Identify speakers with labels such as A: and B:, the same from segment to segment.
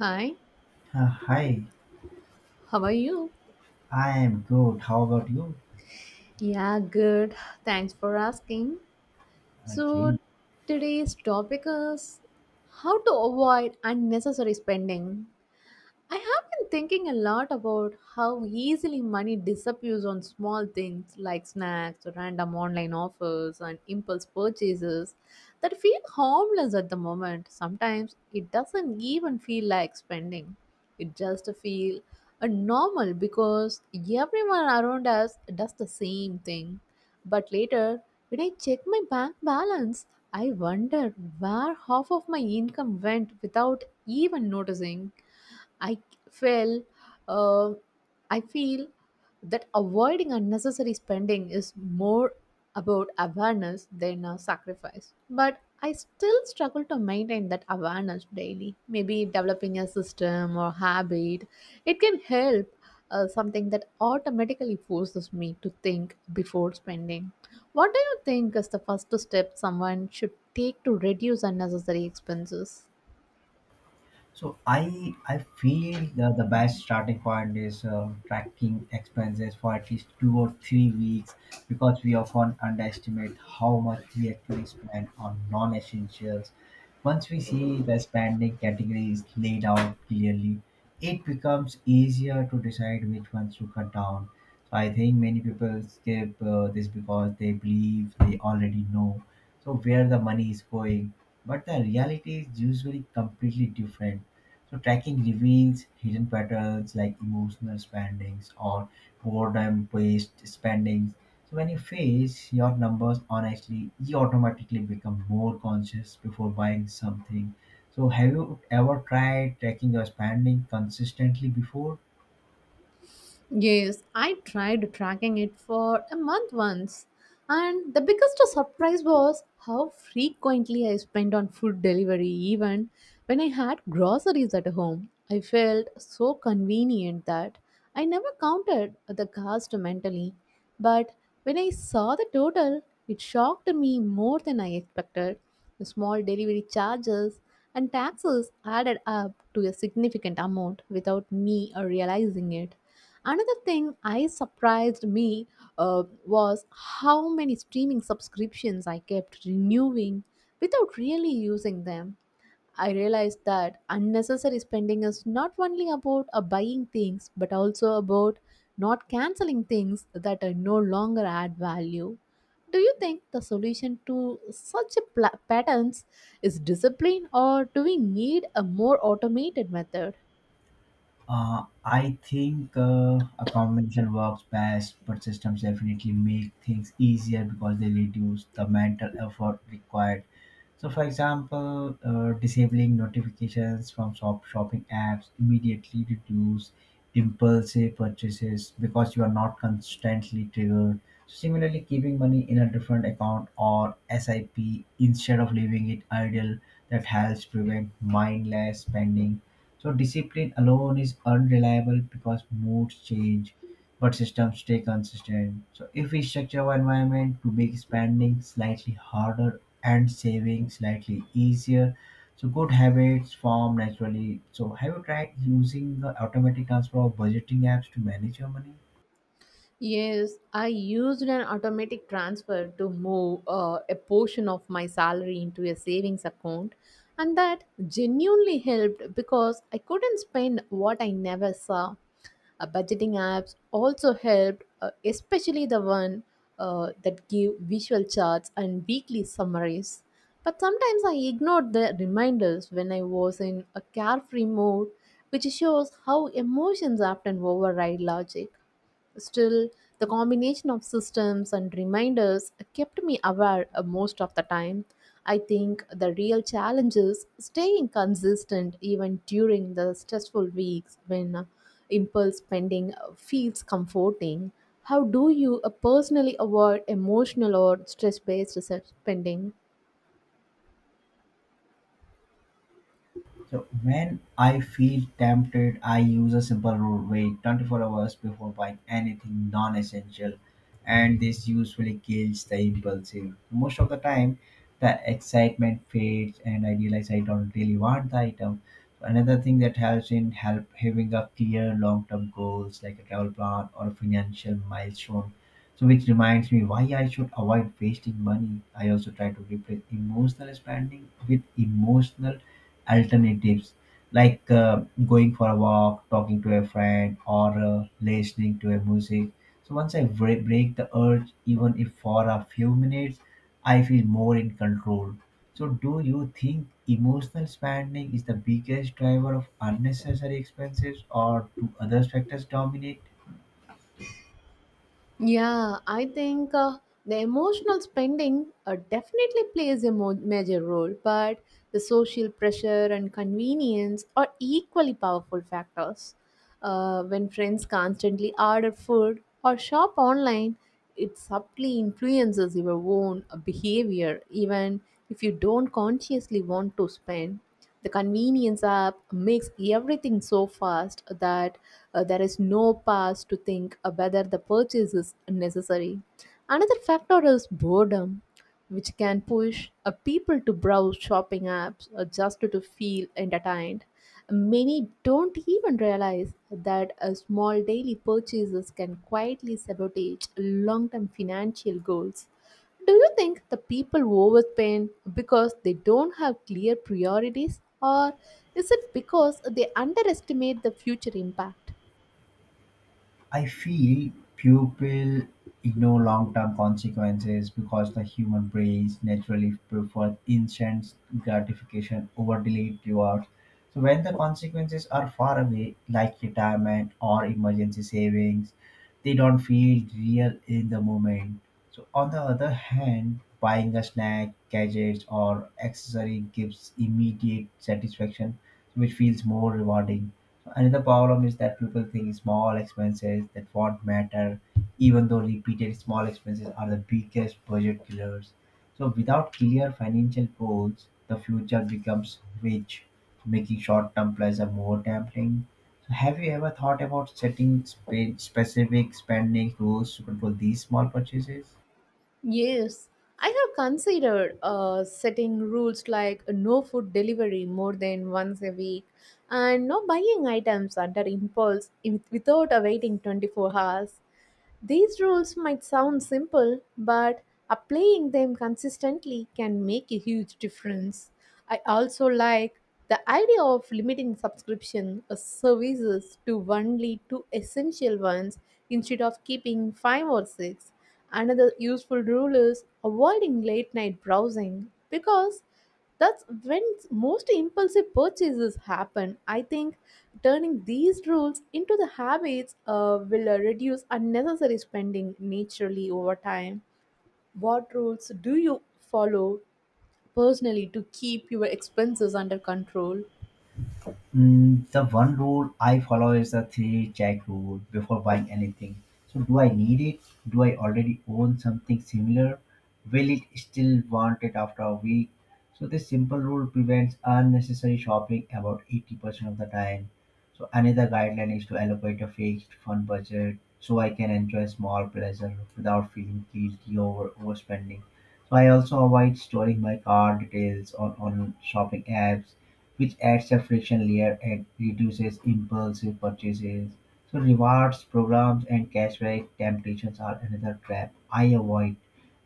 A: Hi,
B: Hi,
A: how are you?
B: I am good. How about you?
A: Yeah, good. Thanks for asking. So,
B: Okay.
A: today's topic is how to avoid unnecessary spending. I have been thinking a lot about how easily money disappears on small things like snacks, random online offers, and impulse purchases that feel harmless at the moment. Sometimes it doesn't even feel like spending. It just feels normal because everyone around us does the same thing. But later, when I check my bank balance, I wonder where half of my income went without even noticing. I feel, uh, I feel that avoiding unnecessary spending is more about awareness than a sacrifice. But I still struggle to maintain that awareness daily. Maybe developing a system or habit, it can help. Something that automatically forces me to think before spending. What do you think is the first step someone should take to reduce unnecessary expenses?
B: So I feel the best starting point is tracking expenses for at least 2 or 3 weeks because we often underestimate how much we actually spend on non-essentials. Once we see the spending categories laid out clearly, it becomes easier to decide which ones to cut down. So I think many people skip this because they believe they already know so where the money is going, but the reality is usually completely different. So tracking reveals hidden patterns like emotional spendings or boredom-based spendings. So when you face your numbers honestly, you automatically become more conscious before buying something. So have you ever tried tracking your spending consistently before?
A: Yes, I tried tracking it for a month once, and the biggest surprise was how frequently I spent on food delivery, even when I had groceries at home. I felt so convenient that I never counted the cost mentally, but when I saw the total, it shocked me more than I expected. The small delivery charges and taxes added up to a significant amount without me realizing it. Another thing I surprised me was how many streaming subscriptions I kept renewing without really using them. I realized that unnecessary spending is not only about buying things but also about not canceling things that no longer add value. Do you think the solution to such a patterns is discipline or do we need a more automated method?
B: I think a combination works best, but systems definitely make things easier because they reduce the mental effort required. So, for example, disabling notifications from shopping apps immediately reduce impulsive purchases because you are not constantly triggered. So, similarly, keeping money in a different account or SIP instead of leaving it idle, that helps prevent mindless spending. So discipline alone is unreliable because moods change, but systems stay consistent. So if we structure our environment to make spending slightly harder and saving slightly easier, so good habits form naturally. So have you tried using the automatic transfer or budgeting apps to manage your money?
A: Yes, I used an automatic transfer to move a portion of my salary into a savings account, and that genuinely helped because I couldn't spend what I never saw. Budgeting apps also helped, especially the one that give visual charts and weekly summaries. But sometimes I ignored the reminders when I was in a carefree mode, which shows how emotions often override logic. Still, the combination of systems and reminders kept me aware most of the time. I think the real challenge is staying consistent even during the stressful weeks when impulse spending feels comforting. How do you personally avoid emotional or stress based spending?
B: So when I feel tempted, I use a simple rule: wait 24 hours before buying anything non-essential, and this usually kills the impulsive. Most of the time, the excitement fades, and I realize I don't really want the item. So another thing that helps in help having a clear long-term goals like a travel plan or a financial milestone. So which reminds me why I should avoid wasting money. I also try to replace emotional spending with emotional alternatives like going for a walk, talking to a friend, or listening to a music. So once I break the urge, even if for a few minutes, I feel more in control. So do you think emotional spending is the biggest driver of unnecessary expenses, or do other factors dominate?
A: Yeah, I think the emotional spending definitely plays a major role, but the social pressure and convenience are equally powerful factors. When friends constantly order food or shop online, it subtly influences your own behavior even if you don't consciously want to spend the convenience app makes everything so fast that there is no pause to think whether the purchase is necessary another factor is boredom which can push a people to browse shopping apps just to feel entertained. Many don't even realize that a small daily purchases can quietly sabotage long-term financial goals. Do you think the people overspend because they don't have clear priorities, or is it because they underestimate the future impact?
B: I feel people ignore long term consequences because the human brains naturally prefer instant gratification over delayed rewards. So, when the consequences are far away, like retirement or emergency savings, they don't feel real in the moment. So, on the other hand, buying a snack, gadgets, or accessory gives immediate satisfaction, which feels more rewarding. Another problem is that people think small expenses that won't matter, even though repeated small expenses are the biggest budget killers. So, without clear financial goals, the future becomes rich, making short term pleasure more tempting. So, have you ever thought about setting specific spending rules to control these small purchases?
A: Yes, I have considered setting rules like no food delivery more than once a week and no buying items under impulse without awaiting 24 hours. These rules might sound simple, but applying them consistently can make a huge difference. I also like the idea of limiting subscription services to only two essential ones instead of keeping five or six. Another useful rule is avoiding late night browsing because that's when most impulsive purchases happen. I think turning these rules into the habits will reduce unnecessary spending naturally over time. What rules do you follow personally to keep your expenses under control?
B: The one rule I follow is the three check rule before buying anything. So, do I need it? Do I already own something similar? Will it still want it after a week? So, this simple rule prevents unnecessary shopping about 80% of the time. So, another guideline is to allocate a fixed fund budget so I can enjoy small pleasure without feeling guilty over overspending. So, I also avoid storing my card details on shopping apps, which adds a friction layer and reduces impulsive purchases. So rewards programs and cashback temptations are another trap I avoid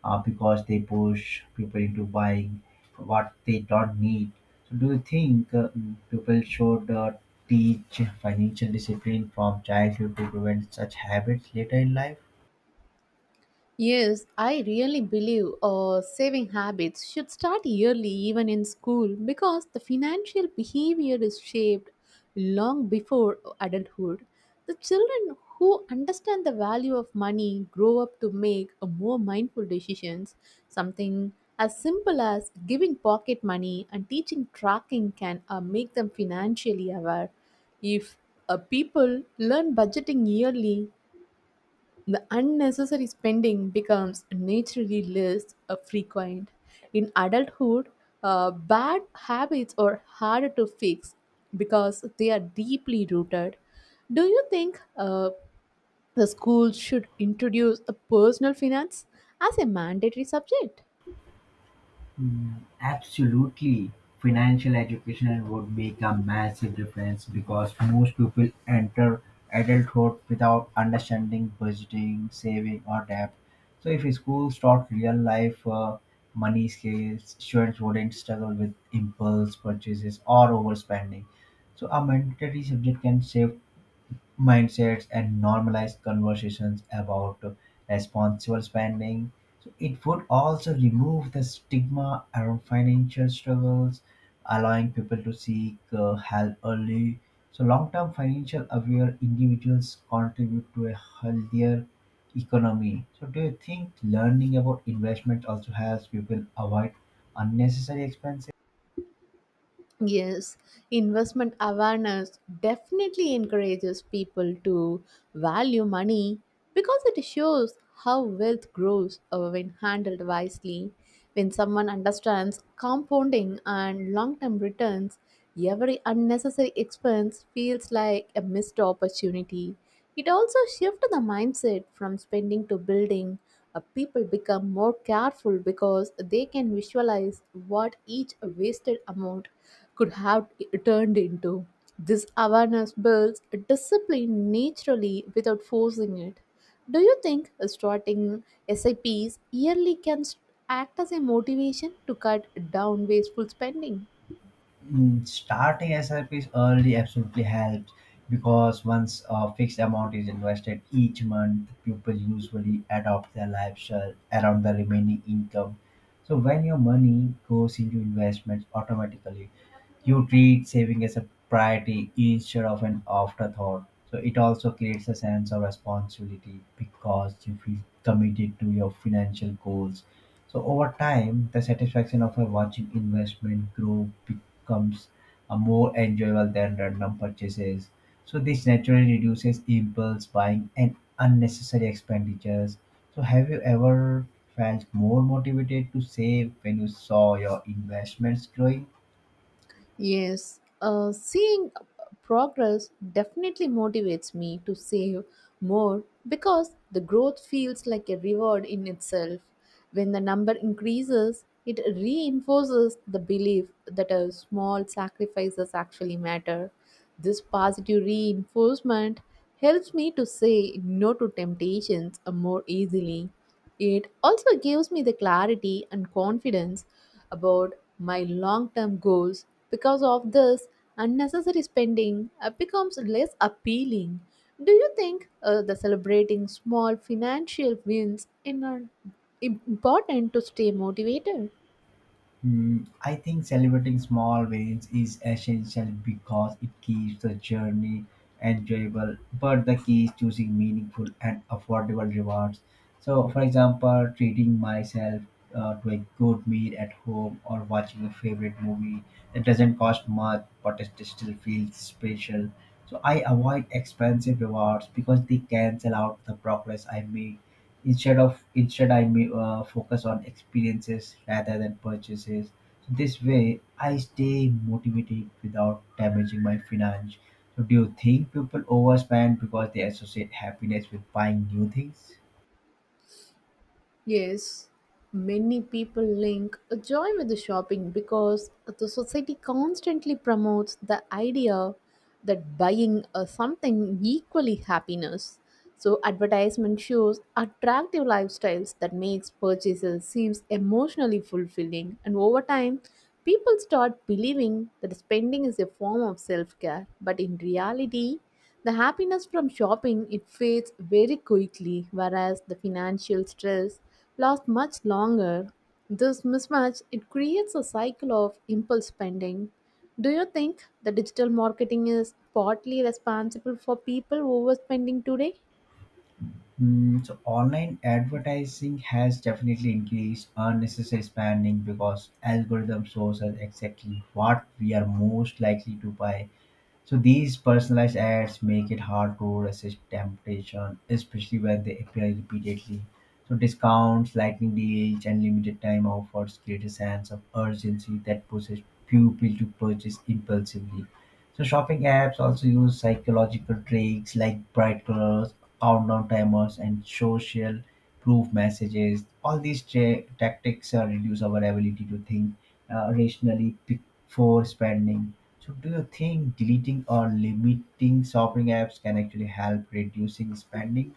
B: because they push people into buying what they don't need. So do you think people should teach financial discipline from childhood to prevent such habits later in life?
A: Yes, I really believe saving habits should start early, even in school, because the financial behavior is shaped long before adulthood. The children who understand the value of money grow up to make a more mindful decisions. Something as simple as giving pocket money and teaching tracking can make them financially aware. If people learn budgeting yearly, the unnecessary spending becomes naturally less frequent. In adulthood, bad habits are harder to fix because they are deeply rooted. Do you think the schools should introduce a personal finance as a mandatory subject?
B: Absolutely. Financial education would make a massive difference because most people enter adulthood without understanding budgeting, saving, or debt. So, if schools taught real life money skills, students wouldn't struggle with impulse purchases or overspending. So, a mandatory subject can save mindsets and normalize conversations about responsible spending. So it would also remove the stigma around financial struggles, allowing people to seek help early. So long-term financial aware individuals contribute to a healthier economy. So do you think learning about investment also helps people avoid unnecessary expenses?
A: Yes, investment awareness definitely encourages people to value money because it shows how wealth grows when handled wisely. When someone understands compounding and long term returns, every unnecessary expense feels like a missed opportunity. It also shifts the mindset from spending to building. People become more careful because they can visualize what each wasted amount could have turned into. This awareness builds discipline naturally without forcing it. Do you think starting SIPs yearly can act as a motivation to cut down wasteful spending?
B: Starting SIPs early absolutely helps because once a fixed amount is invested each month, people usually adopt their lifestyle around the remaining income. So when your money goes into investments automatically, you treat saving as a priority instead of an afterthought. So it also creates a sense of responsibility because you feel committed to your financial goals. So over time, the satisfaction of a watching investment grow becomes a more enjoyable than random purchases. So this naturally reduces impulse buying and unnecessary expenditures. So have you ever felt more motivated to save when you saw your investments growing?
A: Yes, seeing progress definitely motivates me to save more because the growth feels like a reward in itself. When the number increases, it reinforces the belief that a small sacrifices actually matter. This positive reinforcement helps me to say no to temptations more easily. It also gives me the clarity and confidence about my long term goals. Because of this, unnecessary spending becomes less appealing. Do you think the celebrating small financial wins in are important to stay motivated?
B: I think celebrating small wins is essential because it keeps the journey enjoyable. But the key is choosing meaningful and affordable rewards. So, for example, treating myself to a good meal at home or watching a favorite movie, that doesn't cost much but it still feels special. So, I avoid expensive rewards because they cancel out the progress I make instead of instead I may focus on experiences rather than purchases. So this way I stay motivated without damaging my finance. So do you think people overspend because they associate happiness with buying new things?
A: Yes, many people link a joy with the shopping because the society constantly promotes the idea that buying something equally happiness. So advertisement shows attractive lifestyles that makes purchases seems emotionally fulfilling and over time people start believing that spending is a form of self-care but in reality the happiness from shopping it fades very quickly, whereas the financial stress lasts much longer. This mismatch it creates a cycle of impulse spending. Do you think the digital marketing is partly responsible for people overspending today?
B: So online advertising has definitely increased unnecessary spending because algorithm shows us exactly what we are most likely to buy. So these personalized ads make it hard to resist temptation, especially when they appear repeatedly. So discounts, lightning deals, and limited time offers create a sense of urgency that pushes people to purchase impulsively. So shopping apps also use psychological tricks like bright colors, countdown timers, and social proof messages. All these tactics reduce our ability to think rationally for spending. So do you think deleting or limiting shopping apps can actually help reducing spending?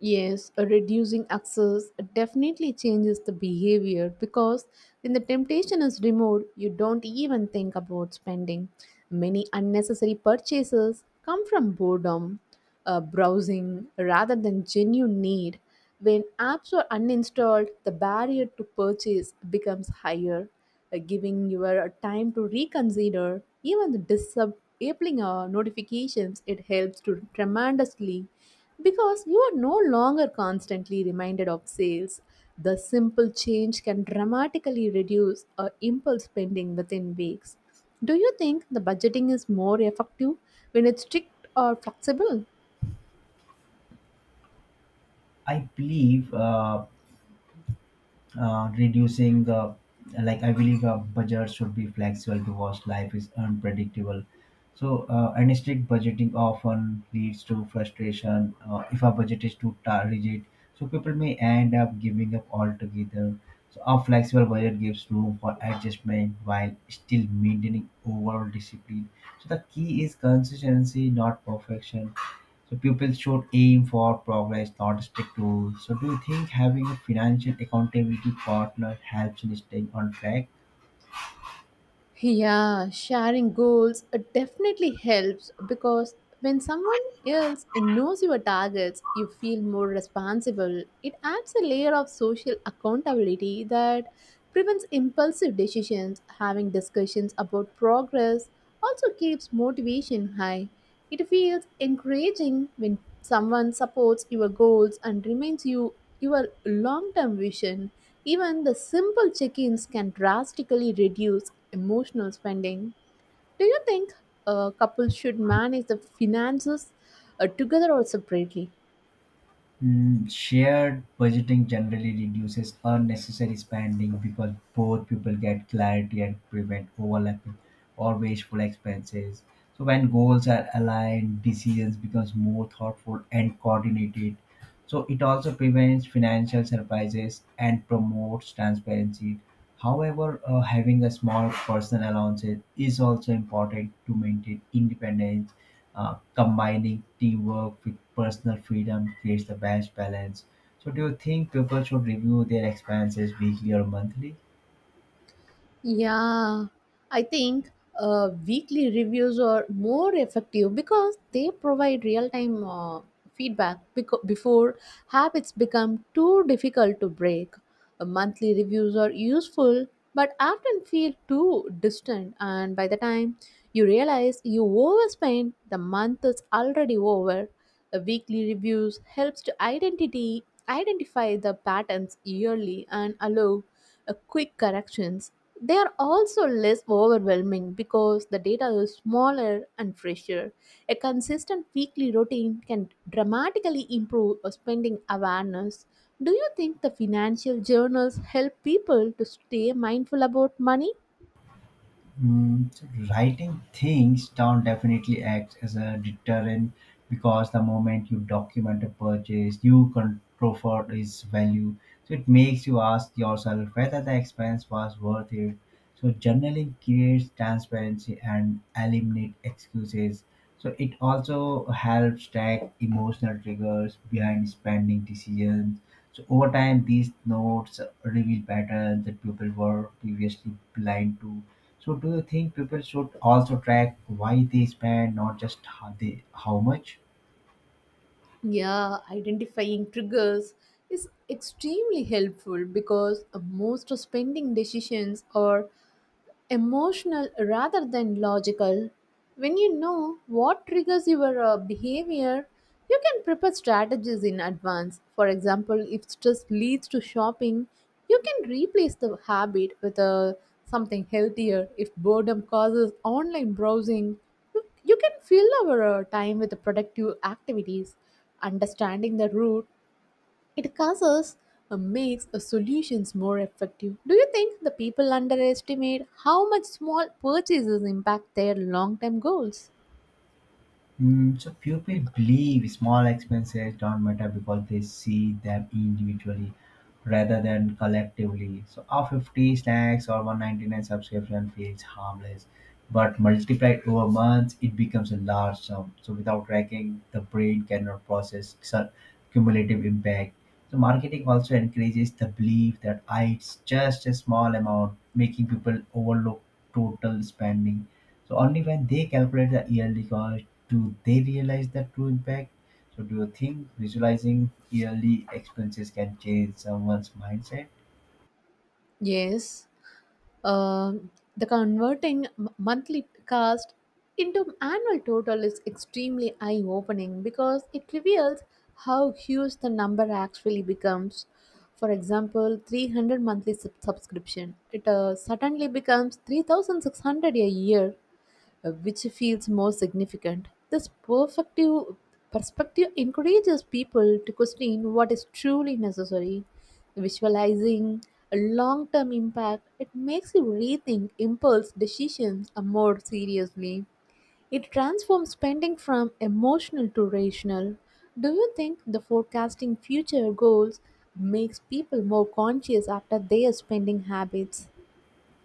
A: Yes, reducing access definitely changes the behavior because when the temptation is removed, you don't even think about spending. Many unnecessary purchases come from boredom, browsing, rather than genuine need. When apps are uninstalled, the barrier to purchase becomes higher, giving your time to reconsider. Even the disabling notifications, it helps to tremendously because you are no longer constantly reminded of sales. The simple change can dramatically reduce impulse spending within weeks. Do you think the budgeting is more effective when it's strict or flexible?
B: I believe reducing the like I believe a budget should be flexible because life is unpredictable. So and strict budgeting often leads to frustration. Uh, if a budget is too rigid, so people may end up giving up altogether. So a flexible budget gives room for adjustment while still maintaining overall discipline. So the key is consistency, not perfection. So pupils should aim for progress, not strict rules. So do you think having a financial accountability partner helps in staying on track?
A: Yeah, sharing goals definitely helps because when someone else knows your targets, you feel more responsible. It adds a layer of social accountability that prevents impulsive decisions. Having discussions about progress also keeps motivation high. It feels encouraging when someone supports your goals and reminds you your long term vision. Even the simple check ins can drastically reduce emotional spending. Do you think a couple should manage the finances together or separately?
B: Shared budgeting generally reduces unnecessary spending because both people get clarity and prevent overlapping or wasteful expenses. So when goals are aligned, decisions becomes more thoughtful and coordinated. So it also prevents financial surprises and promotes transparency. However, having a small personal allowance is also important to maintain independence. Uh, combining teamwork with personal freedom creates the best balance. So, do you think people should review their expenses weekly or monthly?
A: Yeah, I think weekly reviews are more effective because they provide real time feedback before habits become too difficult to break. Monthly reviews are useful but often feel too distant, and by the time you realize you overspend, the month is already over. A weekly reviews helps to identity identify the patterns yearly and allow quick corrections. They are also less overwhelming because the data is smaller and fresher. A consistent weekly routine can dramatically improve a spending awareness. Do you think the financial journals help people to stay mindful about money?
B: So writing things down definitely acts as a deterrent because the moment you document a purchase, you control for its value. So it makes you ask yourself whether the expense was worth it. So journaling creates transparency and eliminate excuses. So it also helps track emotional triggers behind spending decisions. So over time, these notes reveal patterns that people were previously blind to. So do you think people should also track why they spend, not just how much?
A: Yeah, identifying triggers is extremely helpful because most spending decisions are emotional rather than logical. When you know what triggers your behavior, you can prepare strategies in advance. For example, if stress leads to shopping, you can replace the habit with something healthier. If boredom causes online browsing, you can fill our time with productive activities. Understanding the root it causes makes solutions more effective. Do you think the people underestimate how much small purchases impact their long-term goals?
B: So few people believe small expenses don't matter because they see them individually rather than collectively. So a 50 snacks or 199 subscription feels harmless, but multiplied over months, it becomes a large sum. So without tracking, the brain cannot process such cumulative impact. So marketing also encourages the belief that "Ah, it's just a small amount, making people overlook total spending. So only when they calculate the yearly cost do they realize the true impact. So do you think visualizing yearly expenses can change someone's mindset?
A: Yes, um, the converting monthly cost into annual total is extremely eye-opening because it reveals how huge the number actually becomes. For example, 300 monthly subscription, it suddenly becomes 3,600 a year which feels more significant. This perfective perspective encourages people to question what is truly necessary. Visualizing a long term impact, it makes you rethink impulse decisions more seriously. It transforms spending from emotional to rational. Do you think the forecasting future goals makes people more conscious after their spending habits?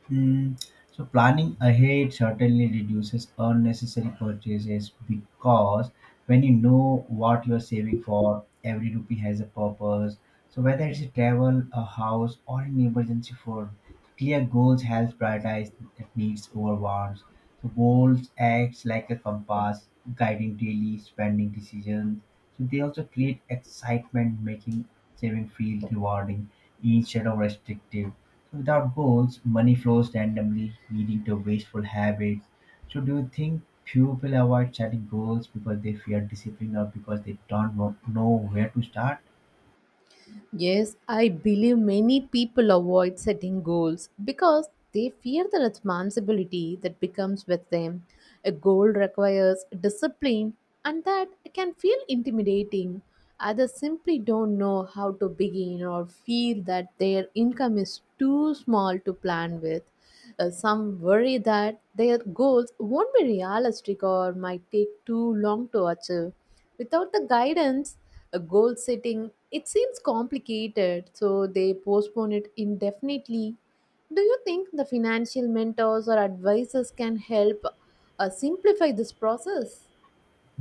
B: Hmm. So planning ahead certainly reduces unnecessary purchases because when you know what you're saving for, every rupee has a purpose. So whether it's a travel, a house, or an emergency fund, clear goals helps prioritize needs over wants. So goals acts like a compass, guiding daily spending decisions. So they also create excitement, making saving feel rewarding instead of restrictive. So without goals, money flows randomly, leading to wasteful habits. So, do you think people avoid setting goals because they fear discipline or because they don't know where to start?
A: Yes, I believe many people avoid setting goals because they fear the responsibility that becomes with them. A goal requires discipline, and that can feel intimidating. Others simply don't know how to begin or feel that their income is too small to plan with. Some worry that their goals won't be realistic or might take too long to achieve without the guidance a goal setting it seems complicated so they postpone it indefinitely do you think the financial mentors or advisors can help simplify this process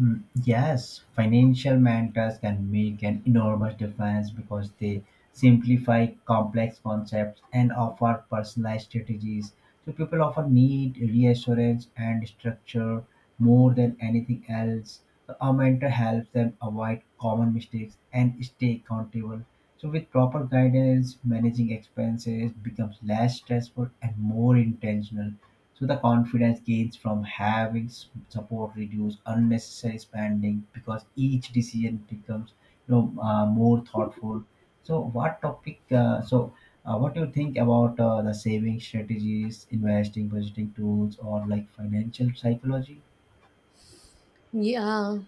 B: Yes, financial mentors can make an enormous difference because they simplify complex concepts and offer personalized strategies. So, people often need reassurance and structure more than anything else. So, a mentor helps them avoid common mistakes and stay accountable. So, with proper guidance, managing expenses becomes less stressful and more intentional. So the confidence gains from having support reduce unnecessary spending because each decision becomes more thoughtful. So what topic? What do you think about the saving strategies, investing, budgeting tools, or like financial psychology?
A: yeah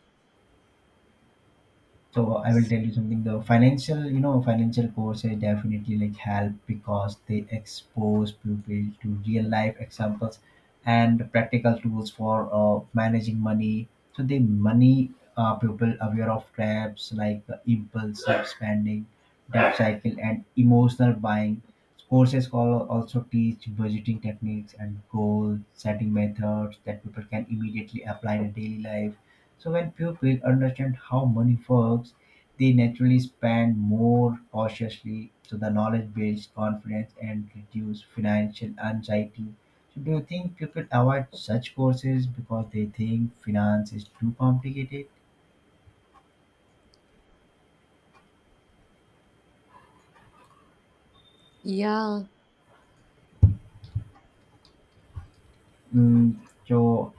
B: So I will tell you something. The financial financial courses definitely like help because they expose people to real life examples and practical tools for managing money. So they money, people aware of traps like impulsive spending, debt cycle, and emotional buying. Courses also teach budgeting techniques and goal setting methods that people can immediately apply in daily life. So when pupils understand how money works, they naturally spend more cautiously. So the knowledge builds confidence and reduce financial anxiety. So do you think people avoid such courses because they think finance is too complicated?
A: yeah
B: Mm, so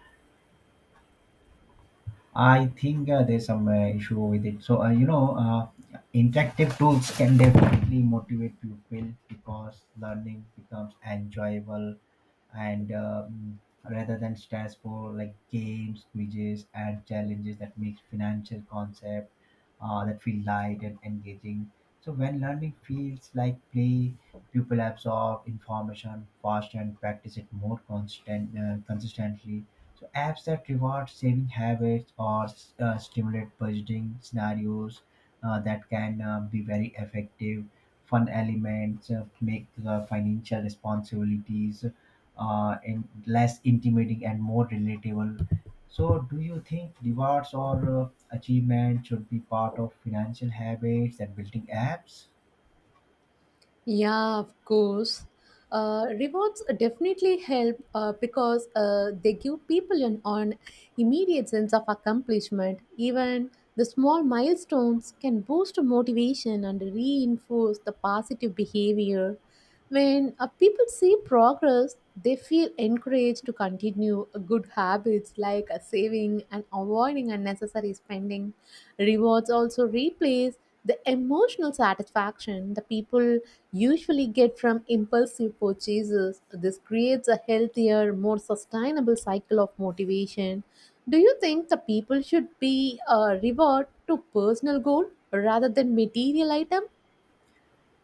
B: I think there's some issue with it. So interactive tools can definitely motivate people because learning becomes enjoyable, and rather than stress, for like games, quizzes, and challenges that makes financial concept that feel light and engaging. So when learning feels like play, people absorb information faster and practice it more constant consistently. So apps that reward saving habits or stimulate budgeting scenarios, that can be very effective. Fun elements make financial responsibilities in less intimidating and more relatable. So, do you think rewards or achievement should be part of financial habits and building apps?
A: Yeah, of course. Rewards definitely help because they give people an immediate sense of accomplishment. Even the small milestones can boost motivation and reinforce the positive behavior. When people see progress, they feel encouraged to continue good habits like saving and avoiding unnecessary spending. Rewards also replace the emotional satisfaction the people usually get from impulsive purchases. This creates a healthier, more sustainable cycle of motivation. Do you think the people should be reward to personal goal rather than material item?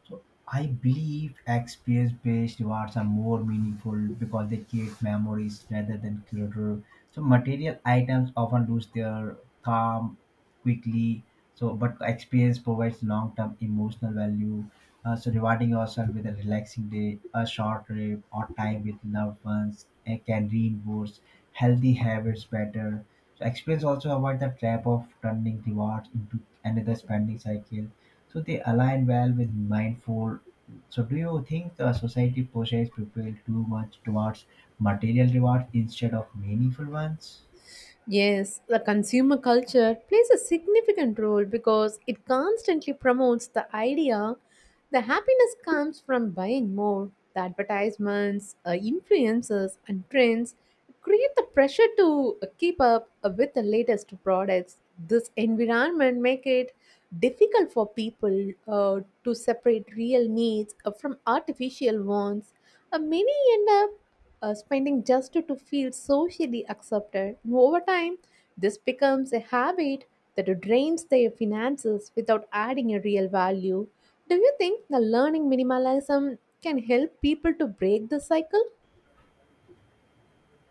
B: So I believe experience-based rewards are more meaningful because they create memories rather than clutter. So material items often lose their calm quickly. So, but experience provides long-term emotional value. So rewarding yourself with a relaxing day, a short trip, or time with loved ones can reinforce healthy habits better. So experience also avoid the trap of turning rewards into another spending cycle, so they align well with mindful. So, do you think the society pushes people too much towards material rewards instead of meaningful ones?
A: Yes, the consumer culture plays a significant role because it constantly promotes the idea that happiness comes from buying more. The advertisements, influencers, and trends create the pressure to keep up with the latest products. This environment make it difficult for people to separate real needs from artificial ones. Many end up spending just to feel socially accepted. Over time, this becomes a habit that drains their finances without adding a real value. Do you think the learning minimalism can help people to break the cycle?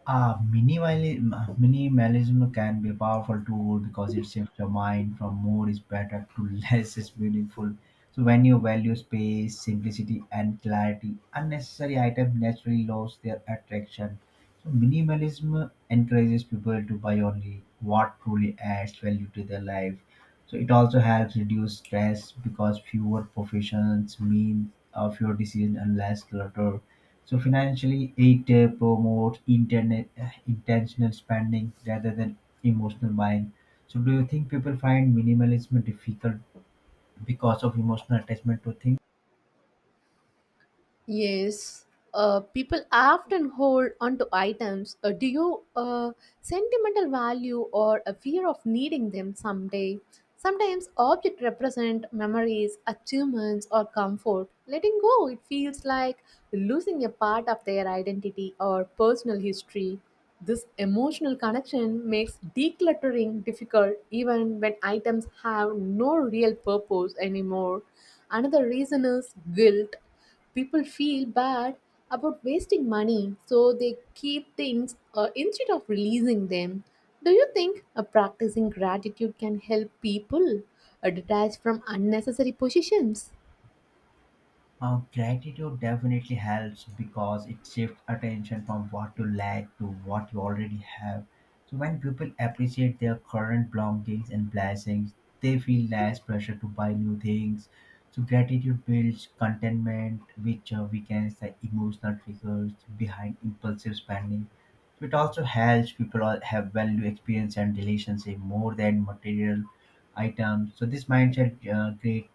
B: Ah, minimalism, minimalism can be a powerful tool because it shifts your mind from more is better to less is meaningful. So when you value space, simplicity, and clarity, unnecessary items naturally lose their attraction. So minimalism encourages people to buy only what truly adds value to their life. So it also helps reduce stress because fewer professions mean fewer decisions and less clutter. So financially, it promotes internet intentional spending rather than emotional buying. So do you think people find minimalism difficult because of emotional attachment to things?
A: Yes, people often hold onto items due sentimental value or a fear of needing them someday. Sometimes objects represent memories, achievements, or comfort. Letting go, it feels like losing a part of their identity or personal history. This emotional connection makes decluttering difficult even when items have no real purpose anymore. Another reason is guilt people feel bad about wasting money, so they keep things instead of releasing them. Do you think practicing gratitude can help people detach from unnecessary possessions?
B: Gratitude definitely helps because it shifts attention from what you lack to what you already have. So when people appreciate their current belongings and blessings, they feel less pressure to buy new things. So gratitude builds contentment, which weakens the emotional triggers behind impulsive spending. So it also helps people all have value experience and relationship more than material items. So this mindset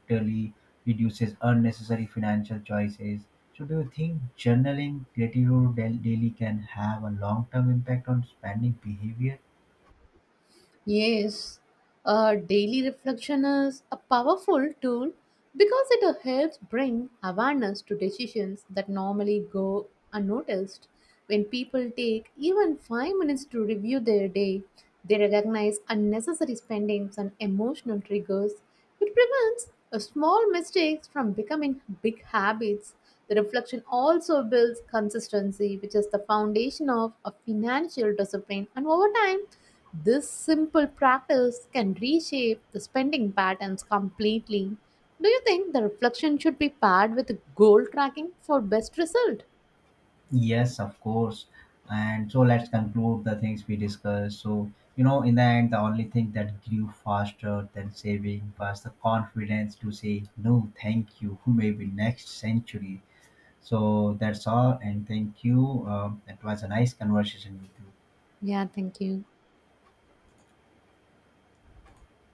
B: greatly reduces unnecessary financial choices. So do you think journaling gratitude daily can have a long-term impact on spending behavior?
A: Yes, daily reflection is a powerful tool because it helps bring awareness to decisions that normally go unnoticed. When people take even 5 minutes to review their day, they recognize unnecessary spendings and emotional triggers it prevents a small mistakes from becoming big habits. The reflection also builds consistency, which is the foundation of a financial discipline. And over time, this simple practice can reshape the spending patterns completely. Do you think the reflection should be paired with goal tracking for best result?
B: Yes, of course. And so let's conclude the things we discussed. So, you know, in the end, the only thing that grew faster than saving was the confidence to say no, thank you, who may be next century. So that's all, and thank you. It was a nice conversation with you.
A: Yeah, thank you.